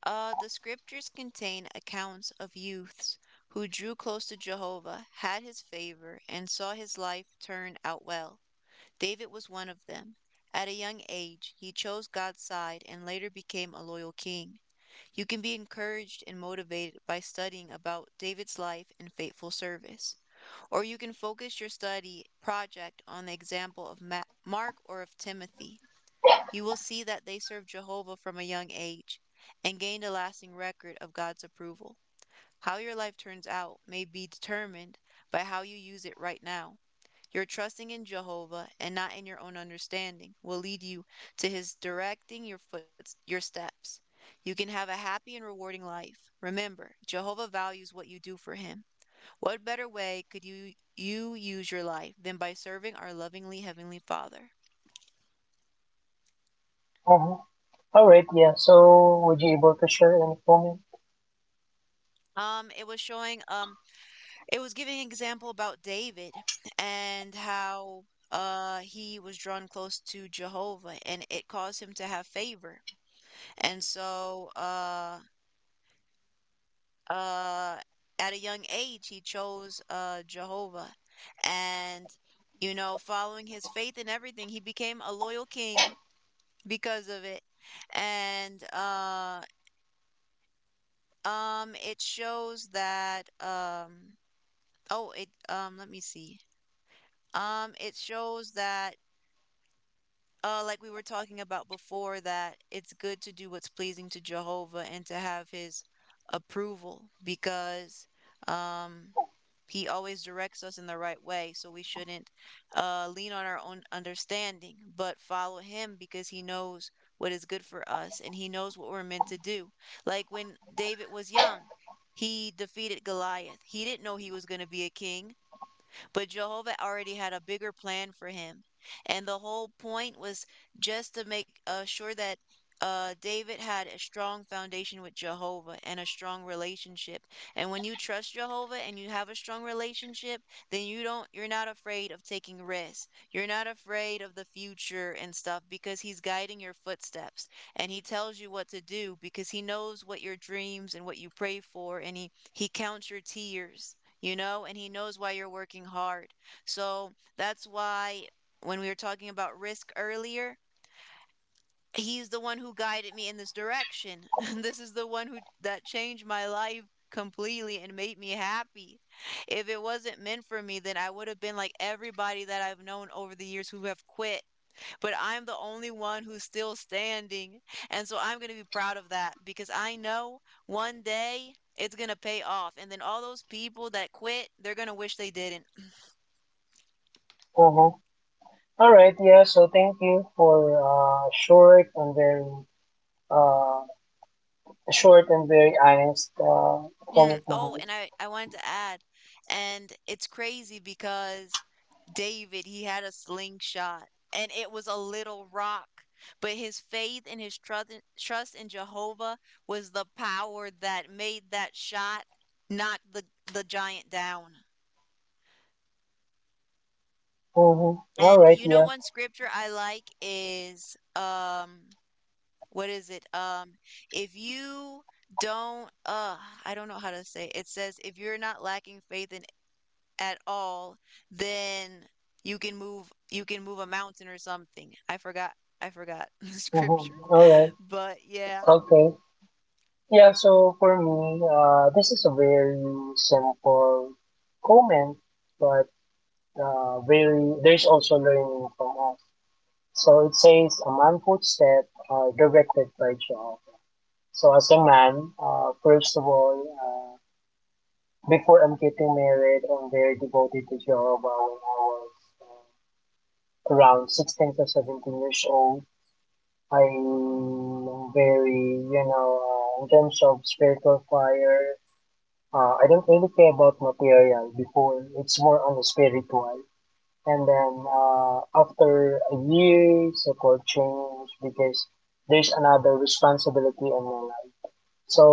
[SPEAKER 1] The scriptures contain accounts of youths who drew close to Jehovah, had his favor, and saw his life turn out well. David was one of them. At a young age, he chose God's side and later became a loyal king. You can be encouraged and motivated by studying about David's life and faithful service, or you can focus your study project on the example of Mark or of Timothy. You will see that they served Jehovah from a young age and gained a lasting record of God's approval. How your life turns out may be determined by how you use it right now. Your trusting in Jehovah and not in your own understanding will lead you to his directing your foot your steps. You can have a happy and rewarding life. Remember, Jehovah values what you do for him. What better way could you use your life than by serving our lovingly heavenly Father?
[SPEAKER 2] Uh-huh. All right, yeah. So would you be able to share any comment?
[SPEAKER 1] Um it was showing um it was giving an example about David and how he was drawn close to Jehovah and it caused him to have favor. And so uh, at a young age, he chose, Jehovah. And, following his faith in everything, he became a loyal king because of it. And it shows that, oh, let me see. It shows that, like we were talking about before, that it's good to do what's pleasing to Jehovah and to have his approval, because um, he always directs us in the right way. So we shouldn't lean on our own understanding, but follow him because he knows what is good for us and he knows what we're meant to do. Like when David was young, he defeated Goliath. He didn't know he was going to be a king, but Jehovah already had a bigger plan for him. And the whole point was just to make sure that David had a strong foundation with Jehovah and a strong relationship. And when you trust Jehovah and you have a strong relationship, then you don't, you're not afraid of taking risks. You're not afraid of the future and stuff, because he's guiding your footsteps and he tells you what to do, because he knows what your dreams and what you pray for, and he counts your tears, and he knows why you're working hard. So that's why, when we were talking about risk earlier, he's the one who guided me in this direction. This is the one who that changed my life completely and made me happy. If it wasn't meant for me, then I would have been like everybody that I've known over the years who have quit, but I'm the only one who's still standing. And so I'm going to be proud of that because I know one day it's going to pay off. And then all those people that quit, they're going to wish they didn't.
[SPEAKER 2] Uh-huh. All right, yeah. So thank you for uh, short and very honest
[SPEAKER 1] Mm.
[SPEAKER 2] comment,
[SPEAKER 1] Oh,
[SPEAKER 2] Mahal.
[SPEAKER 1] and I wanted to add, and it's crazy because David, he had a slingshot and it was a little rock. But his faith and his trust in Jehovah was the power that made that shot knock the giant down.
[SPEAKER 2] Uh huh.
[SPEAKER 1] And
[SPEAKER 2] Right, yeah.
[SPEAKER 1] one scripture I like is, what is it? If you don't, I don't know how to say it. It says if you're not lacking faith in at all, then you can move a mountain or something. I forgot the
[SPEAKER 2] Uh
[SPEAKER 1] scripture.
[SPEAKER 2] huh. Right.
[SPEAKER 1] But yeah,
[SPEAKER 2] Okay. Yeah, so for me, this is a very simple comment, but very there's also learning from us. So it says a man footstep are directed by Jehovah. So as a man, first of all, before I'm getting married, I'm very devoted to Jehovah when I was uh, around 16 to 17 years old. I'm very, you know, in terms of spiritual fire. I don't really care about material before. It's more on the spiritual. And then after a year, so-called change because there's another responsibility on my life. So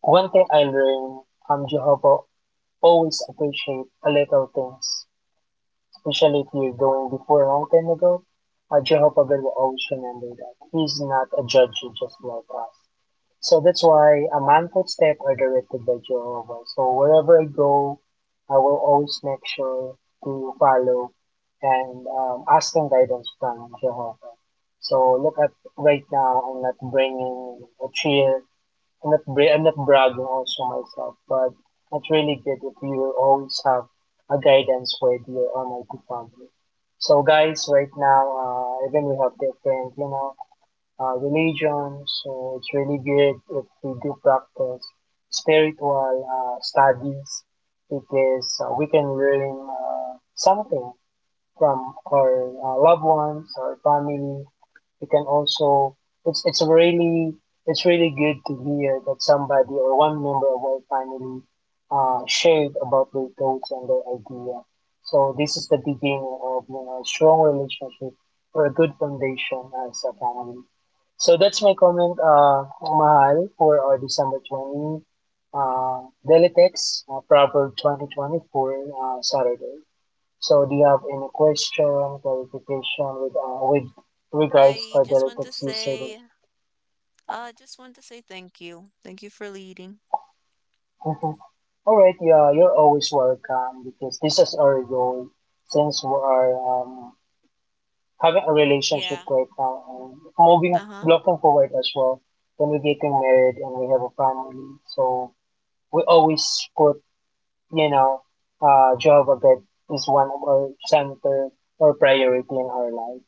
[SPEAKER 2] one thing I learned, Jehovah always appreciate a little things, especially if you're going before a long time ago. Jehovah will always remember that. He's not a judge just like us. So that's why a man footstep are directed by Jehovah. So wherever I go, I will always make sure to follow and ask some guidance from Jehovah. So look at right now, I'm not bringing a cheer. I'm not bragging also myself, but it's really good if you always have a guidance with your Almighty Father. So guys, right now, even we have different, you know, religion. So it's really good if we do practice spiritual studies because we can learn something from our loved ones, our family. We can also it's it's really it's really good to hear that somebody or one member of our family shared about their thoughts and their idea. So this is the beginning of a strong relationship or a good foundation as a family. So that's my comment, mahal for our December 20, Delitex, Proverb 2024, Saturday. So do you have any question, clarification with, regards
[SPEAKER 1] I
[SPEAKER 2] to our
[SPEAKER 1] just want to
[SPEAKER 2] Delitex yesterday?
[SPEAKER 1] say just want to say thank you. Thank you for leading.
[SPEAKER 2] Mhm. All right, yeah, you're always welcome because this is our goal since we are having a relationship
[SPEAKER 1] Yeah.
[SPEAKER 2] right now and moving,
[SPEAKER 1] Uh-huh.
[SPEAKER 2] looking forward as well when we're getting married and we have a family. So we always put you know, Joe Babette is one of our center or priority in our life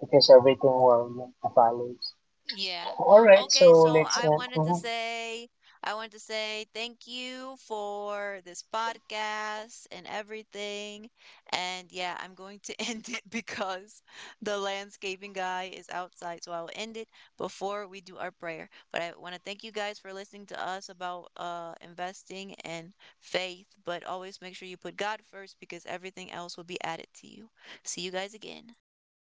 [SPEAKER 2] because everything will follows.
[SPEAKER 1] Yeah.
[SPEAKER 2] All right,
[SPEAKER 1] Okay,
[SPEAKER 2] so
[SPEAKER 1] so
[SPEAKER 2] let's end. Mhm.
[SPEAKER 1] I wanted to say thank you for this podcast and everything. And yeah, I'm going to end it because the landscaping guy is outside, so I'll end it before we do our prayer. But I want to thank you guys for listening to us about investing and faith, but always make sure you put God first because everything else will be added to you. See you guys again.